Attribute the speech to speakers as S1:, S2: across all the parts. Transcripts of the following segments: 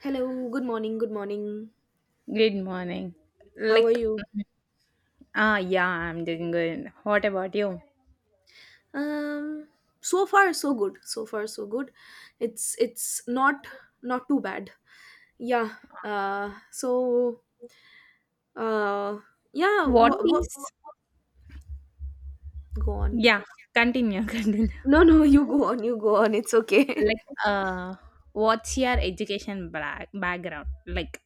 S1: Hello, good morning, good morning.
S2: Good morning.
S1: How are
S2: Like,
S1: you?
S2: yeah, I'm doing good. What about you?
S1: Um so far so good. So far so good. It's not too bad. Yeah. Uh so uh yeah,
S2: What
S1: what
S2: is?
S1: go on.
S2: Yeah, continue, continue.
S1: No, no, you go on, you go on. It's okay.
S2: like uh what's your education black background like,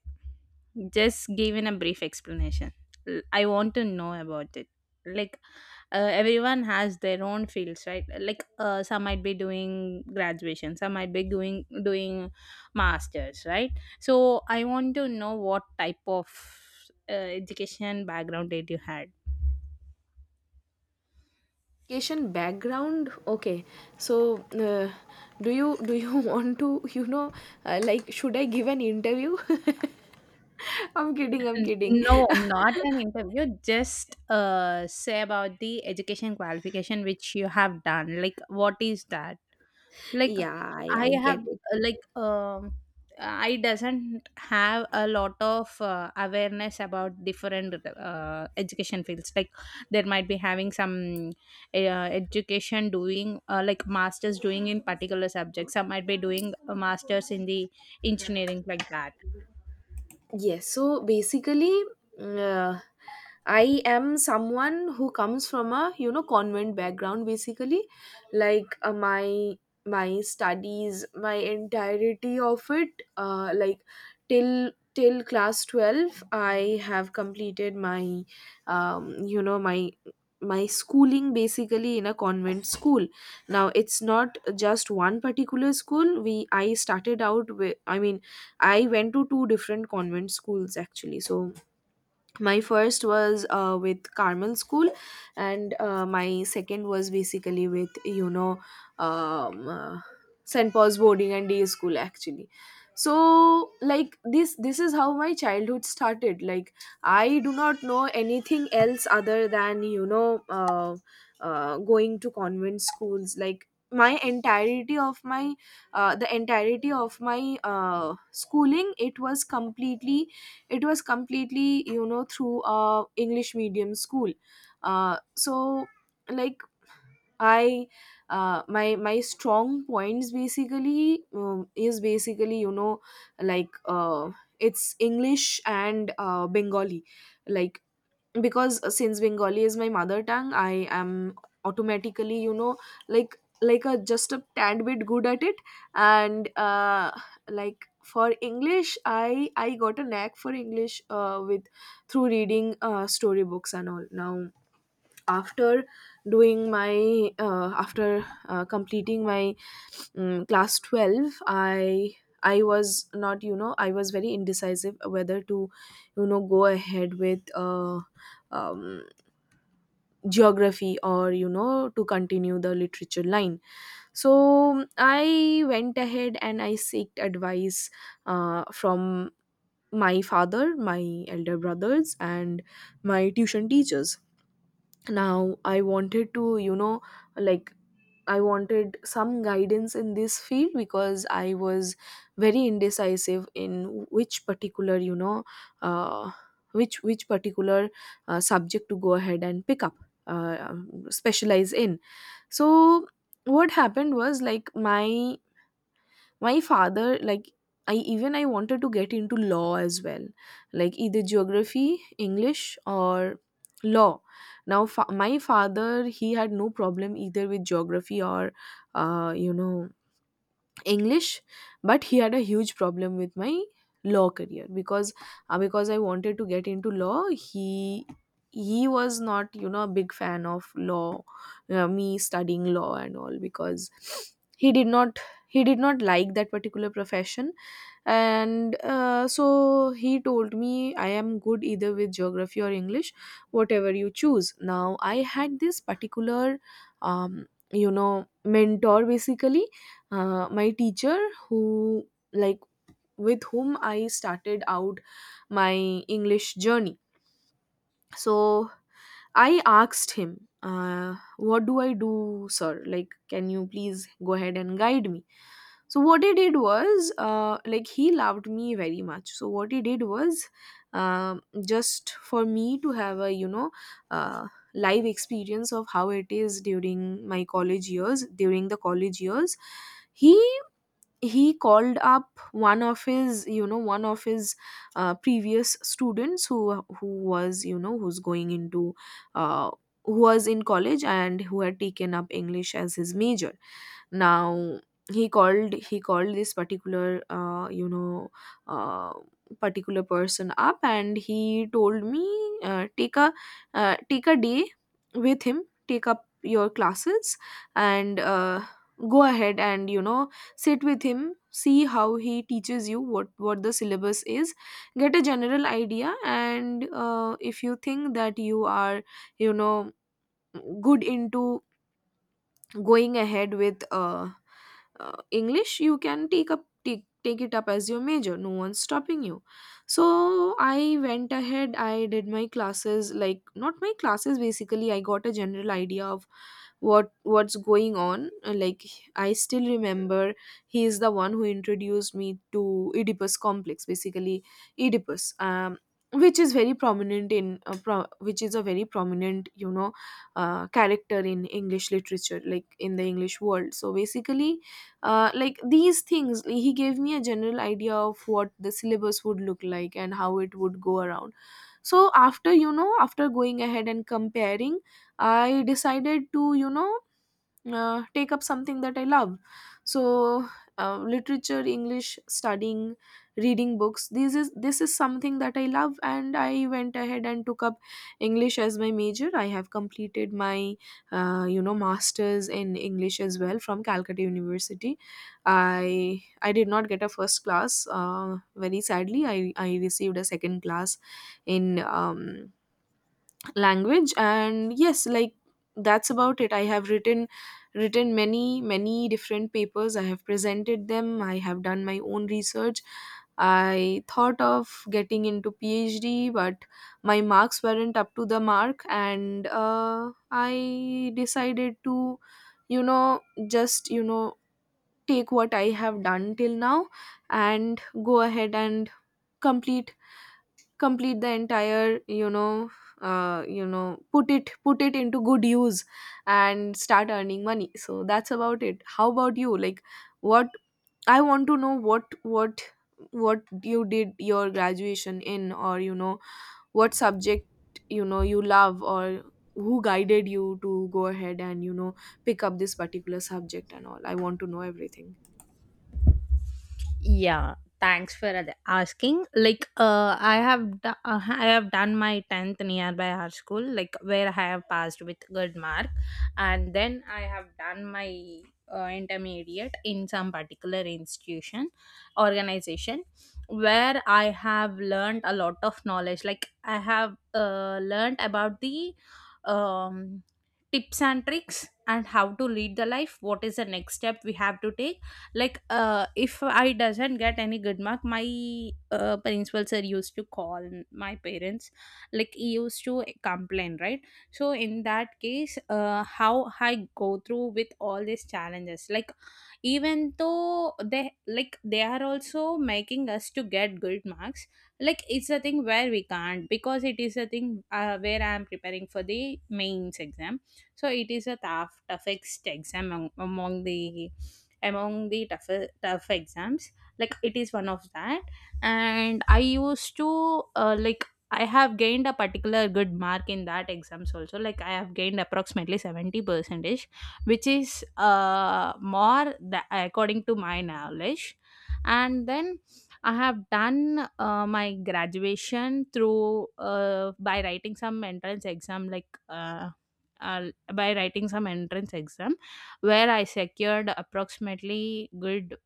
S2: just given a brief explanation. I want to know about it. Like, everyone has their own fields, right? Like, some might be doing graduation, some might be doing masters, right? So I want to know what type of education background did you had.
S1: Education background. Okay. So do you want to, like should I give an interview? I'm kidding, I'm kidding.
S2: No, not an interview. Just say about the education qualification which you have done. Like, what is that? Like,
S1: Yeah,
S2: I
S1: I get
S2: have,
S1: it.
S2: like, I doesn't have a lot of awareness about different education fields. Like, there might be having some education doing like masters doing in particular subjects. Some might be doing a masters in the engineering like that.
S1: Yes, so basically, mm, uh, I am someone who comes from a, you know, convent background. Basically, like my my studies, my entirety of it, till class 12. I have completed my my my schooling basically in a convent school. Now it's not just one particular school, we I started out with I mean I went to two different convent schools actually. So my first was with Carmel School, and my second was basically with, um, uh, St Paul's Boarding and Day School actually. So like this is how my childhood started. Like, I do not know anything else other than, going to convent schools. Like, my entirety of my the entirety of my schooling, it was completely you know, through a English medium school. So like I my my strong points basically is basically, you know, like it's English and Bengali. Like, because since Bengali is my mother tongue, I am automatically, you know, like a just a tad bit good at it. And like for English, I got a knack for English with through reading storybooks and all. Now, after after completing my class 12, I was not, you know, I was very indecisive whether to, you know, go ahead with um, geography, or you know, to continue the literature line. So I went ahead and I seeked advice from my father, my elder brothers, and my tuition teachers. Now I wanted to, you know, like I wanted some guidance in this field because I was very indecisive in which particular, you know, uh, which particular subject to go ahead and pick up, specialize in. So what happened was, like, my father, like, I wanted to get into law as well, like either geography, English, or law. Now my father, he had no problem either with geography or, uh, you know English, but he had a huge problem with my law career because I wanted to get into law. He was not, you know, a big fan of law, me studying law and all, because he did not like that particular profession. And so he told me, I am good either with geography or English, whatever you choose. Now I had this particular um, you know, mentor, basically, my teacher, who, like, with whom I started out my English journey. So I asked him, what do I do, sir, like can you please go ahead and guide me. So what he did was, like, he loved me very much, so what he did was, um just for me to have a, you know, uh, live experience of how it is during my college years, during the college years, he called up one of his, you know, one of his previous students, who was, you know, who's going into uh, who was in college and who had taken up English as his major. Now he called this particular, uh, particular person up, and he told me, uh, take a take a day with him, take up your classes, and go ahead and, you know, sit with him, see how he teaches you, what the syllabus is, get a general idea. And if you think that you are, you know, good into going ahead with English, you can take, take it up as your major, no one's stopping you. So I went ahead, I did my classes, like, not my classes, basically I got a general idea of what what's going on. Like, I still remember he is the one who introduced me to Oedipus complex, basically. Oedipus Which is very prominent in, which is a very prominent, you know, character in English literature, like in the English world. So basically, like these things, he gave me a general idea of what the syllabus would look like and how it would go around. So after, you know, after going ahead and comparing, I decided to, you know, take up something that I love. So literature, English, studying, reading books, this is something that I love, and I went ahead and took up English as my major. I have completed my you know, masters in English as well from Calcutta University. I did not get a first class, very sadly, I received a second class in language. And yes, like, that's about it. I have written many many different papers, I have presented them, I have done my own research. I thought of getting into PhD, but my marks weren't up to the mark, and I decided to, you know, just, you know, take what I have done till now, and go ahead and complete the entire, you know, put it into good use and start earning money. So that's about it. How about you? Like, what I want to know what you did your graduation in, or you know, what subject, you know, you love, or who guided you to go ahead and, you know, pick up this particular subject and all, I want to know everything.
S2: Yeah, thanks for asking. Like, I have I have done my tenth nearby our school, like where I have passed with good mark, and then I have done my intermediate in some particular institution, organization, where I have learned a lot of knowledge. Like, I have learned about the um tips and tricks, and how to lead the life, what is the next step we have to take. Like, if I doesn't get any good mark, my principal sir used to call my parents, like he used to complain, right? So in that case, how I go through with all these challenges. Like, even though they, like they are also making us to get good marks, like it's a thing where we can't, because it is a thing where I am preparing for the mains exam. So it is a tough tough exam among the among the tough, tough exams. Like it is one of that. And I used to like, I have gained a particular good mark in that exams also. Like, I have gained approximately 70 percentage, which is more according to my knowledge. And then I have done my graduation through by writing some entrance exam, like uh, by writing some entrance exam where I secured approximately good,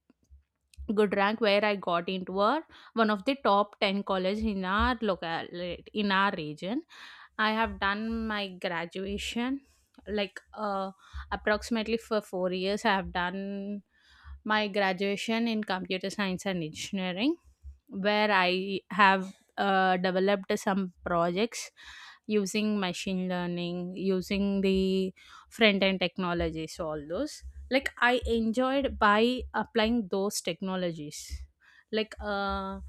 S2: good rank, where I got into a one of the top 10 college in our local, in our region. I have done my graduation, like, approximately for 4 years I have done my graduation in computer science and engineering, where I have developed some projects using machine learning, using the front end technologies, all those. Like, I enjoyed by applying those technologies. Like,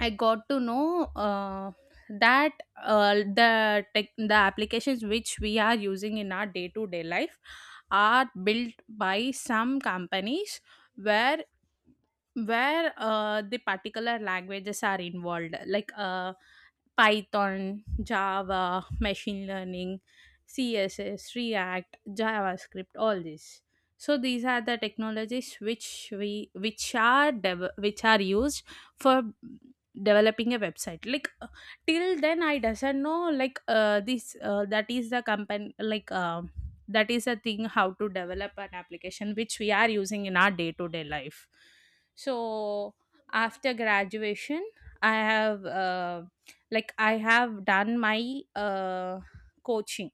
S2: I got to know that the tech, the applications which we are using in our day to day life are built by some companies, where where the particular languages are involved, like, python, java, machine learning, css, react, javascript, all these. So these are the technologies which we, which which are used for developing a website. Like, till then I doesn't know, like, this that is the company, like, that is a thing how to develop an application which we are using in our day to day life. So after graduation, I have like, I have done my coaching.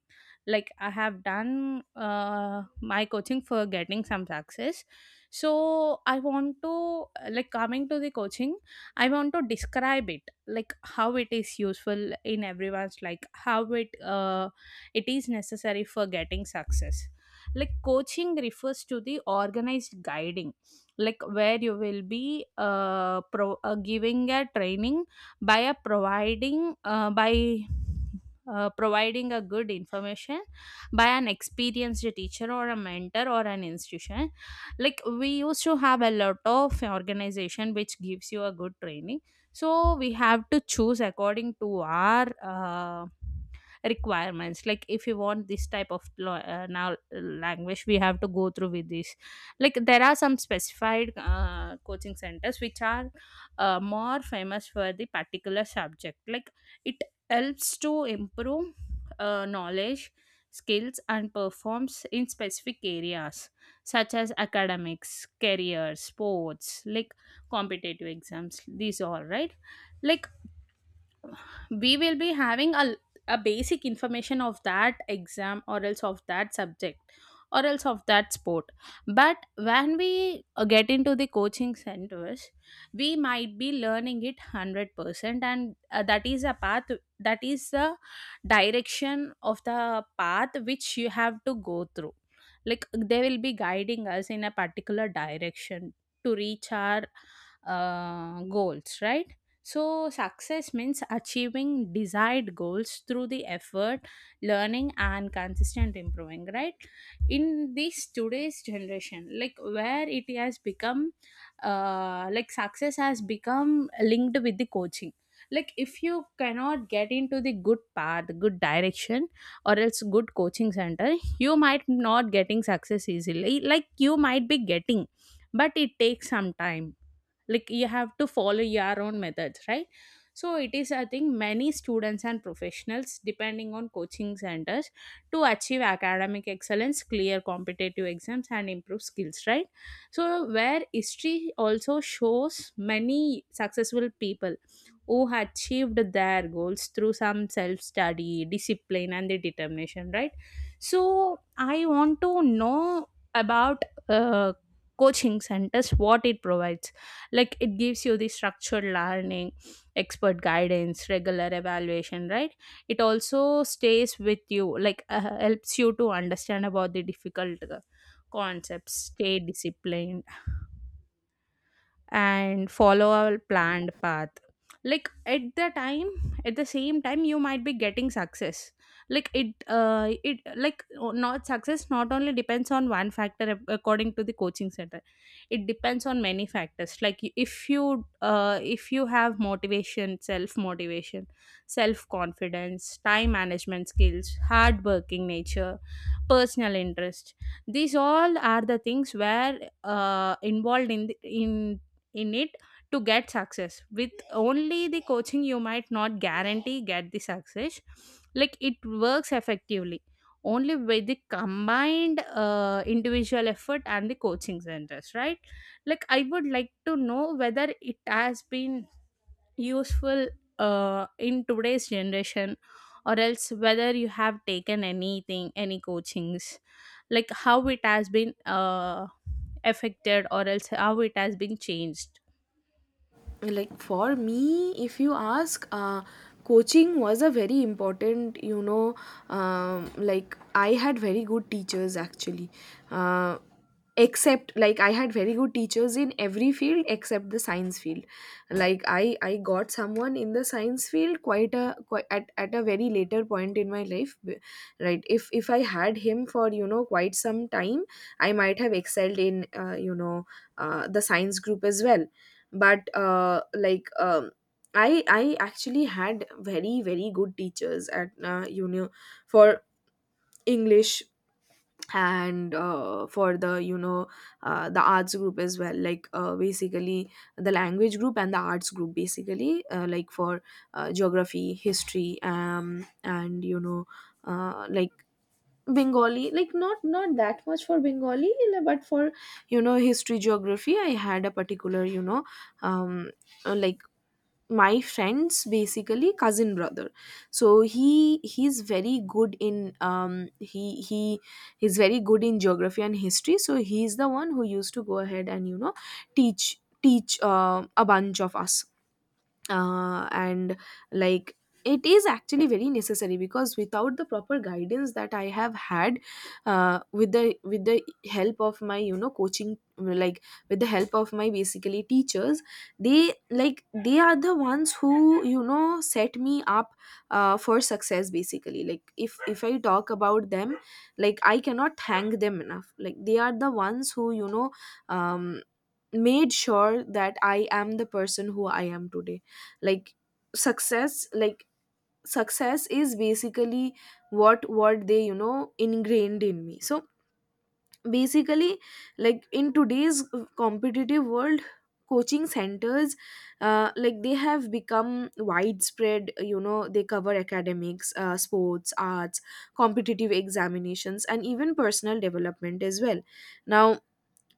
S2: Like, I have done my coaching for getting some success. So I want to like, coming to the coaching, I want to describe it, like how it is useful in everyone's, like how it, uh, it is necessary for getting success. Like, coaching refers to the organized guiding, like where you will be giving a training, by providing a good information by an experienced teacher or a mentor or an institution. Like, we used to have a lot of organization which gives you a good training. So we have to choose according to our requirements. Like, if you want this type of now language, we have to go through with this. Like, there are some specified coaching centers which are more famous for the particular subject. Like, it helps to improve knowledge, skills, and performs in specific areas, such as academics, career, sports, like competitive exams, these all, right? Like, we will be having a basic information of that exam, or else of that subject, or else of that sport. But when we get into the coaching centers, we might be learning it 100% and that is a path, that is the direction of the path which you have to go through. Like, they will be guiding us in a particular direction to reach our goals, right? So success means achieving desired goals through the effort, learning, and consistent improving, right? In this today's generation, like where it has become, like success has become linked with the coaching. Like, if you cannot get into the good path, good direction, or else good coaching center, you might not getting success easily. Like, you might be getting, but it takes some time. Like, you have to follow your own methods, right? So it is, I think many students and professionals depending on coaching centers to achieve academic excellence, clear competitive exams and improve skills, right? So where history also shows many successful people who achieved their goals through some self study, discipline and the determination, right? So I want to know about uh, coaching centers, what it provides. Like, it gives you the structured learning, expert guidance, regular evaluation, right? It also stays with you, like helps you to understand about the difficult concepts, stay disciplined and follow a planned path. Like, at the same time you might be getting success. Like, it, it like, not success not only depends on one factor, according to the coaching center, it depends on many factors. Like, if you have motivation, self motivation, self confidence, time management skills, hard working nature, personal interest, these all are the things where involved in the, in it. To get success with only the coaching, you might not guarantee get the success. Like, it works effectively only with the combined individual effort and the coaching centers, right? Like, I would like to know whether it has been useful in today's generation, or else whether you have taken anything, any coachings, like how it has been affected, or else how it has been changed.
S1: Like, for me, if you ask, coaching was a very important, you know, like, I had very good teachers actually. uh, Except, like, I had very good teachers in every field except the science field. Like, I got someone in the science field quite a quite at a very later point in my life. Right, if I had him for, you know, quite some time, I might have excelled in, the science group as well. But I actually had very very good teachers at, for English and for the, the arts group as well. Like basically the language group and the arts group, basically, like for geography, history, and you know, uh, like Bengali, like not that much for Bengali, but for, you know, history, geography, I had a particular, you know, um uh, like my friend's basically cousin brother, so he's very good in he's very good in geography and history. So he's the one who used to go ahead and, you know, teach a bunch of us. And Like, it is actually very necessary, because without the proper guidance that I have had with the help of my, you know, coaching, like, with the help of my, basically, teachers, they, like, they are the ones who, you know, set me up for success, basically. Like, if I talk about them, like, I cannot thank them enough. Like, they are the ones who, you know, um, made sure that I am the person who I am today. Like, success like success is basically what they, you know, ingrained in me. So basically, like, in today's competitive world, coaching centers, like, they have become widespread. You know, they cover academics, sports, arts, competitive examinations, and even personal development as well. Now,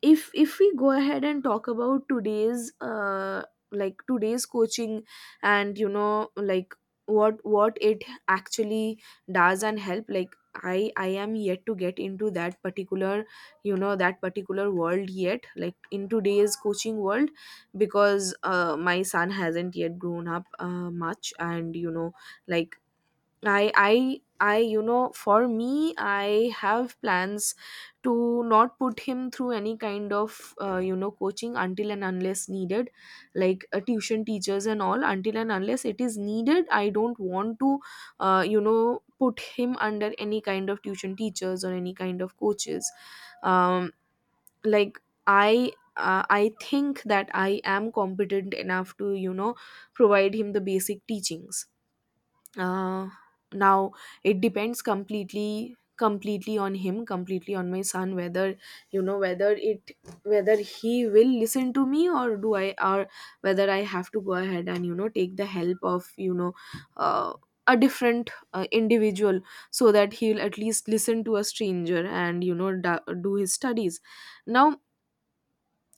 S1: if we go ahead and talk about today's like today's coaching, and you know, like, what it actually does and help, like, I am yet to get into that particular, you know, that particular world yet, like, in today's coaching world, because my son hasn't yet grown up much. And you know, like, I, you know, for me, I have plans to not put him through any kind of, coaching until and unless needed. Like tuition teachers and all, until and unless it is needed, I don't want to, put him under any kind of tuition teachers or any kind of coaches. um like I think that I am competent enough to, you know, provide him the basic teachings. uh, Now it depends completely on him, completely on my son, whether, you know, whether he will listen to me or do I or whether I have to Go ahead and take the help of uh, a different individual so that he'll at least listen to a stranger and do his studies. Now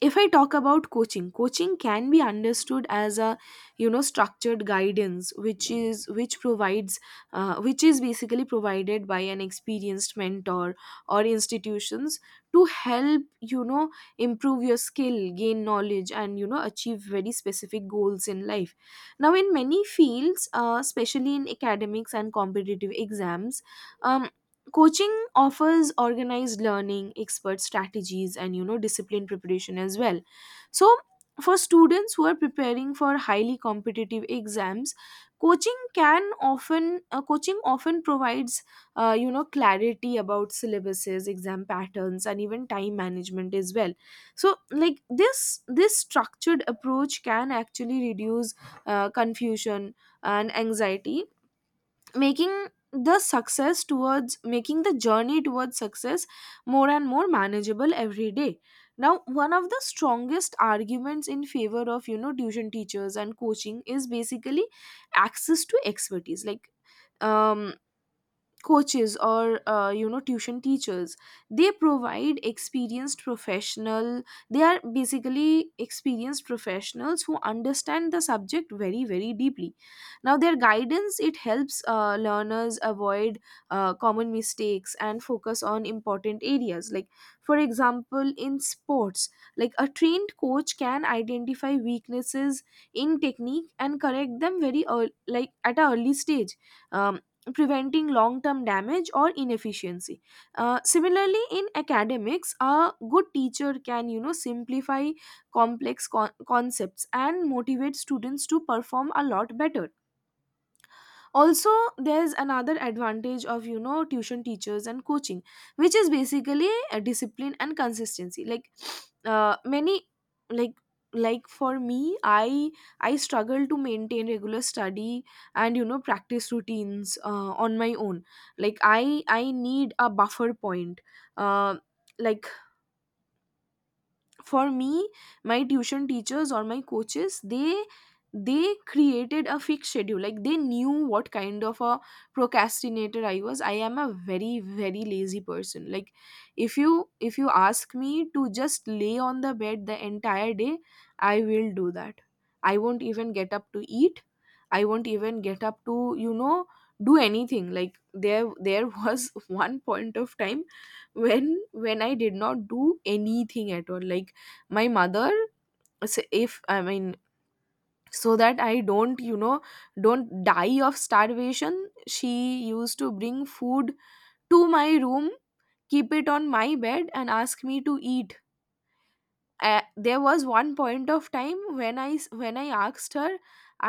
S1: if I talk about coaching, coaching can be understood as a structured guidance which is which provides which is basically provided by an experienced mentor or institutions to help you know improve your skill, gain knowledge, and achieve very specific goals in life. Now in many fields, especially in academics and competitive exams, um, coaching offers organized learning, expert strategies, and discipline preparation as well. So for students who are preparing for highly competitive exams, coaching often provides clarity about syllabuses, exam patterns, and even time management as well. So like this structured approach can actually reduce confusion and anxiety, making the success towards making the journey towards success more and more manageable every day. Now one of the strongest arguments in favor of tuition teachers and coaching is basically access to expertise. Like, um coaches or tuition teachers, they provide experienced professional they are basically experienced professionals who understand the subject very very deeply. Now their guidance, it helps learners avoid common mistakes and focus on important areas. Like for example, in sports, like a trained coach can identify weaknesses in technique and correct them very early, like at an early stage, um, preventing long term damage or inefficiency. Similarly, in academics, a good teacher can simplify concepts and motivate students to perform a lot better. Also, there's another advantage of tuition teachers and coaching, which is basically a discipline and consistency. Like many, like, like for me, I struggle to maintain regular study and practice routines on my own. Like I need a buffer point, uh, like, for me, my tuition teachers or my coaches, they created a fixed schedule. Like, they knew what kind of a procrastinator I was. I am a very very lazy person. Like, if you ask me to just lay on the bed the entire day, I will do that. I won't even get up to eat. I won't even get up to do anything. Like, there was one point of time when I did not do anything at all. Like, my mother, s- if I mean so that I don't don't die of starvation, she used to bring food to my room, keep it on my bed, and ask me to eat. There was one point of time when when I asked her,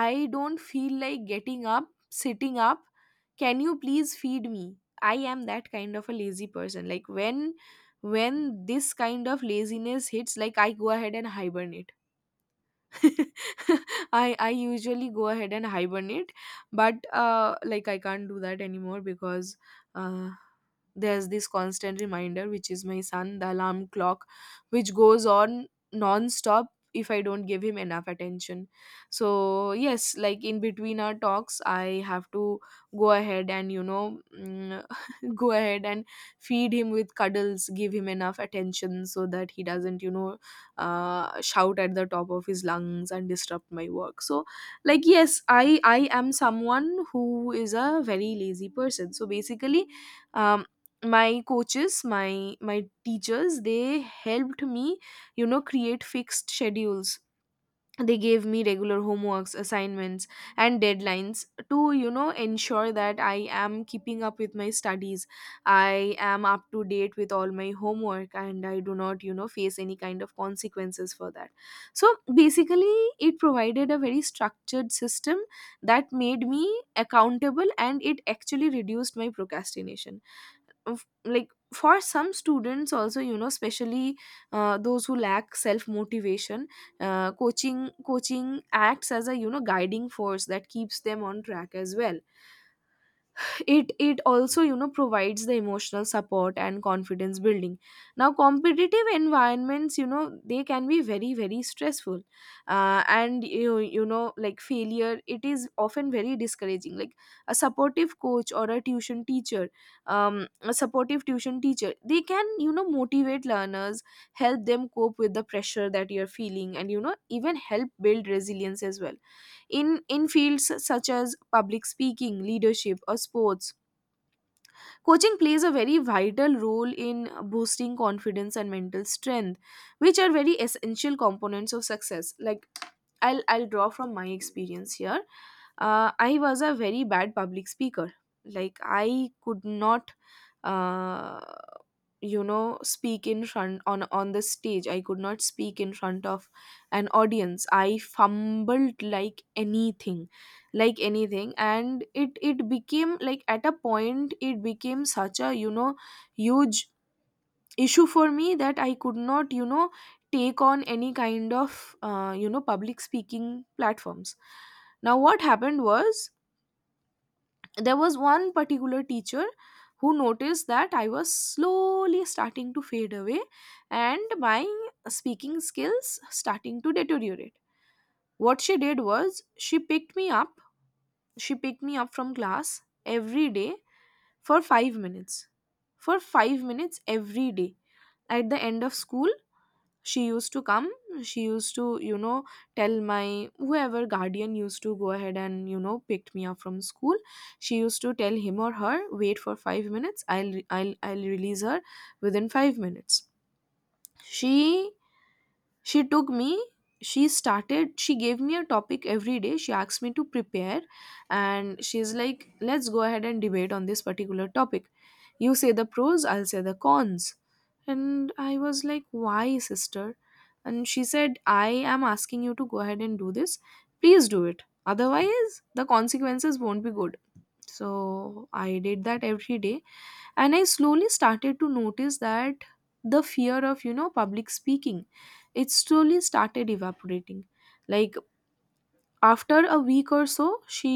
S1: I don't feel like getting up, sitting up. Can you please feed me? I am that kind of a lazy person. Like, when when this kind of laziness hits, like, I go ahead and hibernate. I usually go ahead and hibernate, but like, I can't do that anymore because uh, there's this constant reminder, which is my son, the alarm clock, which goes on non-stop if I don't give him enough attention. So yes, like, in between our talks, I have to go ahead and go ahead and feed him with cuddles, give him enough attention so that he doesn't shout at the top of his lungs and disrupt my work. So like, yes, I am someone who is a very lazy person. So basically, um my coaches, my teachers, they helped me create fixed schedules. They gave me regular homeworks, assignments, and deadlines to ensure that I am keeping up with my studies, I am up to date with all my homework, and I do not face any kind of consequences for that. So basically, it provided a very structured system that made me accountable, and it actually reduced my procrastination. Like, for some students also, especially those who lack self motivation, coaching acts as a guiding force that keeps them on track as well. It also provides the emotional support and confidence building. Now competitive environments, they can be very very stressful, and like failure, it is often very discouraging. Like, a supportive coach or a tuition teacher, a supportive tuition teacher, they can motivate learners, help them cope with the pressure that you're feeling, and even help build resilience as well. In fields such as public speaking, leadership, or sports, coaching plays a very vital role in boosting confidence and mental strength, which are very essential components of success. Like, I'll draw from my experience here. I was a very bad public speaker. Like, I could not. Uh, you know, speak in front, on the stage. I could not speak in front of an audience. I fumbled like anything, like anything. And it became, like, at a point it became such a huge issue for me that I could not take on any kind of public speaking platforms. Now what happened was, there was one particular teacher who noticed that I was slowly starting to fade away and my speaking skills starting to deteriorate. What she did was, she picked me up, she picked me up from class every day for 5 minutes. For 5 minutes every day. At the end of school, she used to come, she used to you know tell my whoever guardian used to go ahead and picked me up from school, she used to tell him or her, wait for 5 minutes, I'll release her within 5 minutes. she she took me, she gave me a topic every day. She asked me to prepare, and she's like, let's go ahead and debate on this particular topic. You say the pros, I'll say the cons. And I was like, why, sister? And she said, I am asking you to go ahead and do this. Please do it. Otherwise, the consequences won't be good. So I did that every day, and I slowly started to notice that the fear of public speaking, it slowly started evaporating. Like, after a week or so, she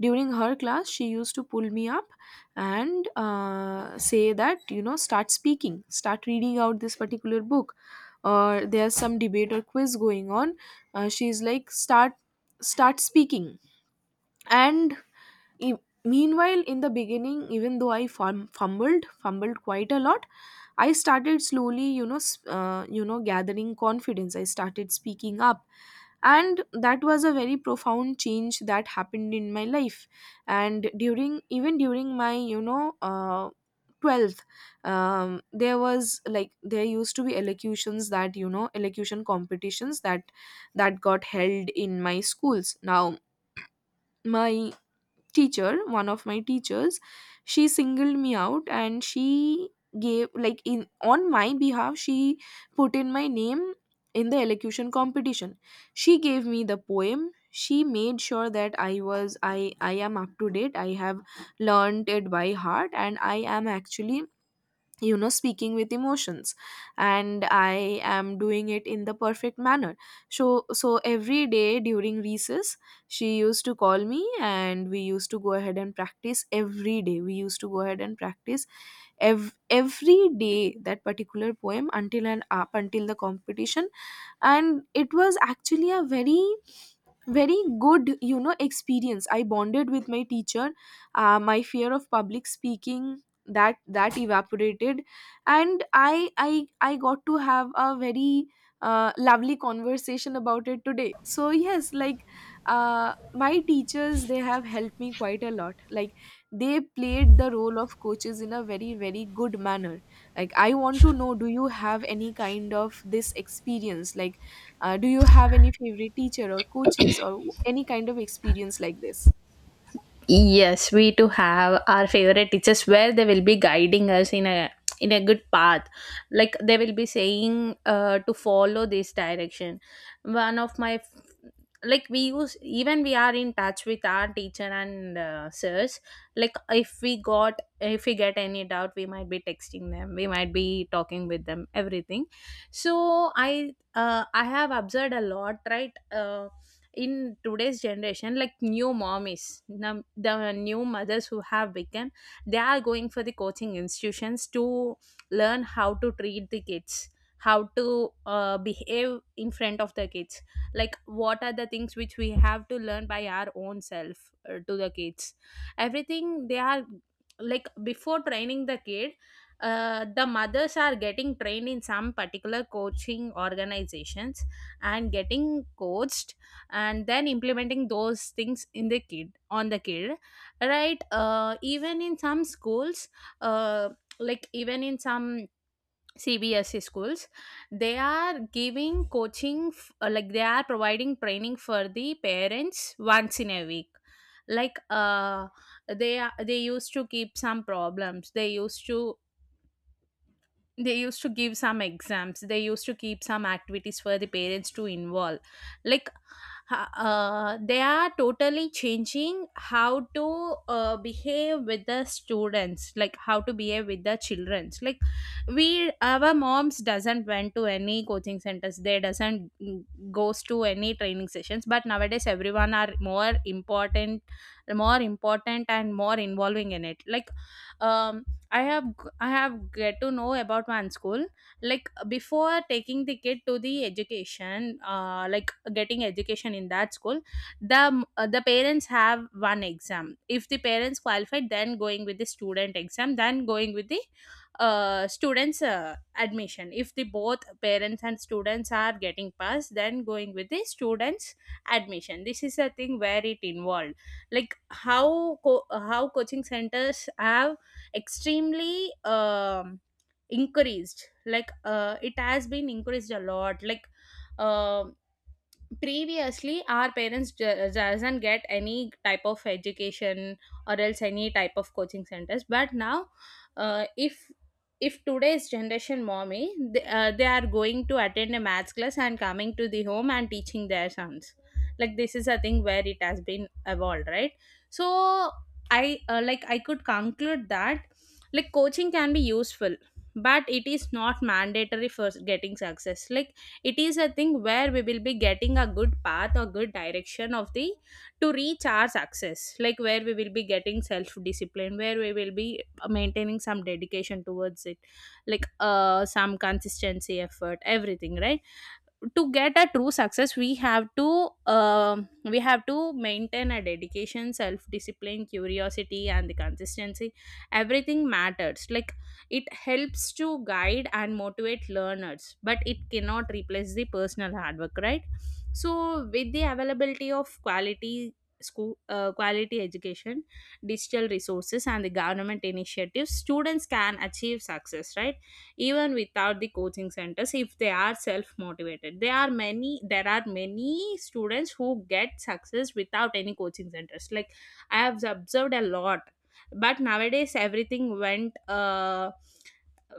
S1: during her class she used to pull me up and say that start speaking, start reading out this particular book, or there's some debate or quiz going on. She's like, start, start speaking. And E- meanwhile, in the beginning, even though I fumbled quite a lot, I started slowly, gathering confidence, I started speaking up, and that was a very profound change that happened in my life. And during, even during my, 12th, there was, like, there used to be elocutions, that, elocution competitions that got held in my schools. Now my teacher, one of my teachers, she singled me out and she gave, like, in, on my behalf, she put in my name in the elocution competition. She gave me the poem, she made sure that I was I am up to date, I have learned it by heart, and I am actually speaking with emotions, and I am doing it in the perfect manner. So every day during recess, she used to call me and we used to go ahead and practice. Every day we used to go ahead and practice every day, that particular poem until and up until the competition. And it was actually a very very good, experience. I bonded with my teacher, my fear of public speaking, that evaporated, and I got to have a very lovely conversation about it today. So yes, like, my teachers, they have helped me quite a lot. Like, they played the role of coaches in a very very good manner. Like, I want to know, do you have any kind of this experience? Like, do you have any favorite teacher or coaches or any kind of experience like this?
S2: Yes, we to have our favorite teachers where they will be guiding us in a good path. Like, they will be saying to follow this direction. One of my, like we use, even we are in touch with our teacher and sirs. Like, if we got, if we get any doubt, we might be texting them, we might be talking with them, everything. So I, I have observed a lot, right? In today's generation, like new mommies, the new mothers who have become, they are going for the coaching institutions to learn how to treat the kids, how to behave in front of the kids, like what are the things which we have to learn by our own self to the kids, everything they are, like before training the kid, the mothers are getting trained in some particular coaching organizations and getting coached, and then implementing those things in the kid, on the kid, right? Even in some schools, uh, like even in some CBSE schools, they are giving coaching, like they are providing training for the parents once in a week. Like, they are, they used to keep some problems. They used to, they used to give some exams, they used to keep some activities for the parents to involve. Like, they are totally changing how to behave with the students, like how to behave with the childrens. Like, we, our moms doesn't went to any coaching centers, they doesn't, goes to any training sessions, but nowadays everyone are more important, more important and more involving in it. Like um I have I have get to know about one school. Like, before taking the kid to the education, like getting education in that school, the the parents have one exam. If the parents qualified, then going with the student exam, then going with the students admission. If the both parents and students are getting passed, then going with the students admission. This is a thing where it involved, like how how coaching centers have extremely increased. Like, it has been increased a lot. Like um previously our parents, doesn't get any type of education or else any type of coaching centers, but now uh, if if today's generation mommy, they are going to attend a maths class and coming to the home and teaching their sons. Like, this is a thing where it has been evolved, right? So I, like, I could conclude that, like coaching can be useful but it is not mandatory for getting success. Like, it is a thing where we will be getting a good path or good direction of the to reach our success. Like, where we will be getting self discipline, where we will be maintaining some dedication towards it. Like, some consistency, effort, everything, right? To get a true success, we have to, um we have to maintain a dedication, self discipline, curiosity and the consistency. Everything matters. Like, it helps to guide and motivate learners, but it cannot replace the personal hard work, right? So with the availability of quality school, quality education, digital resources and the government initiatives, students can achieve success, right? Even without the coaching centers, if they are self motivated, there are many, there are many students who get success without any coaching centers. Like, I have observed a lot. But nowadays everything went, uh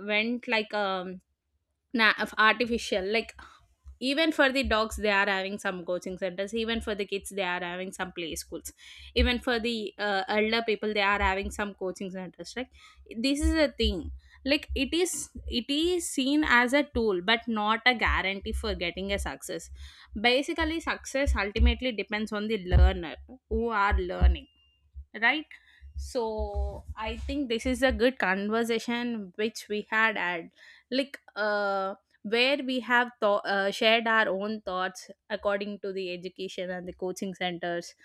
S2: went like, artificial. Like, even for the dogs they are having some coaching centers, even for the kids they are having some play schools, even for the elder people they are having some coaching centers, right? This is a thing. Like, it is, it is seen as a tool but not a guarantee for getting a success. Basically success ultimately depends on the learner who are learning, right? So I think this is a good conversation which we had at, like, where we have shared our own thoughts according to the education and the coaching centers,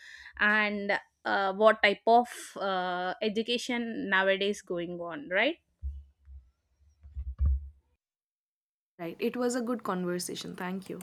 S2: and what type of education nowadays going on, right?
S1: Right. It was a good conversation. Thank you.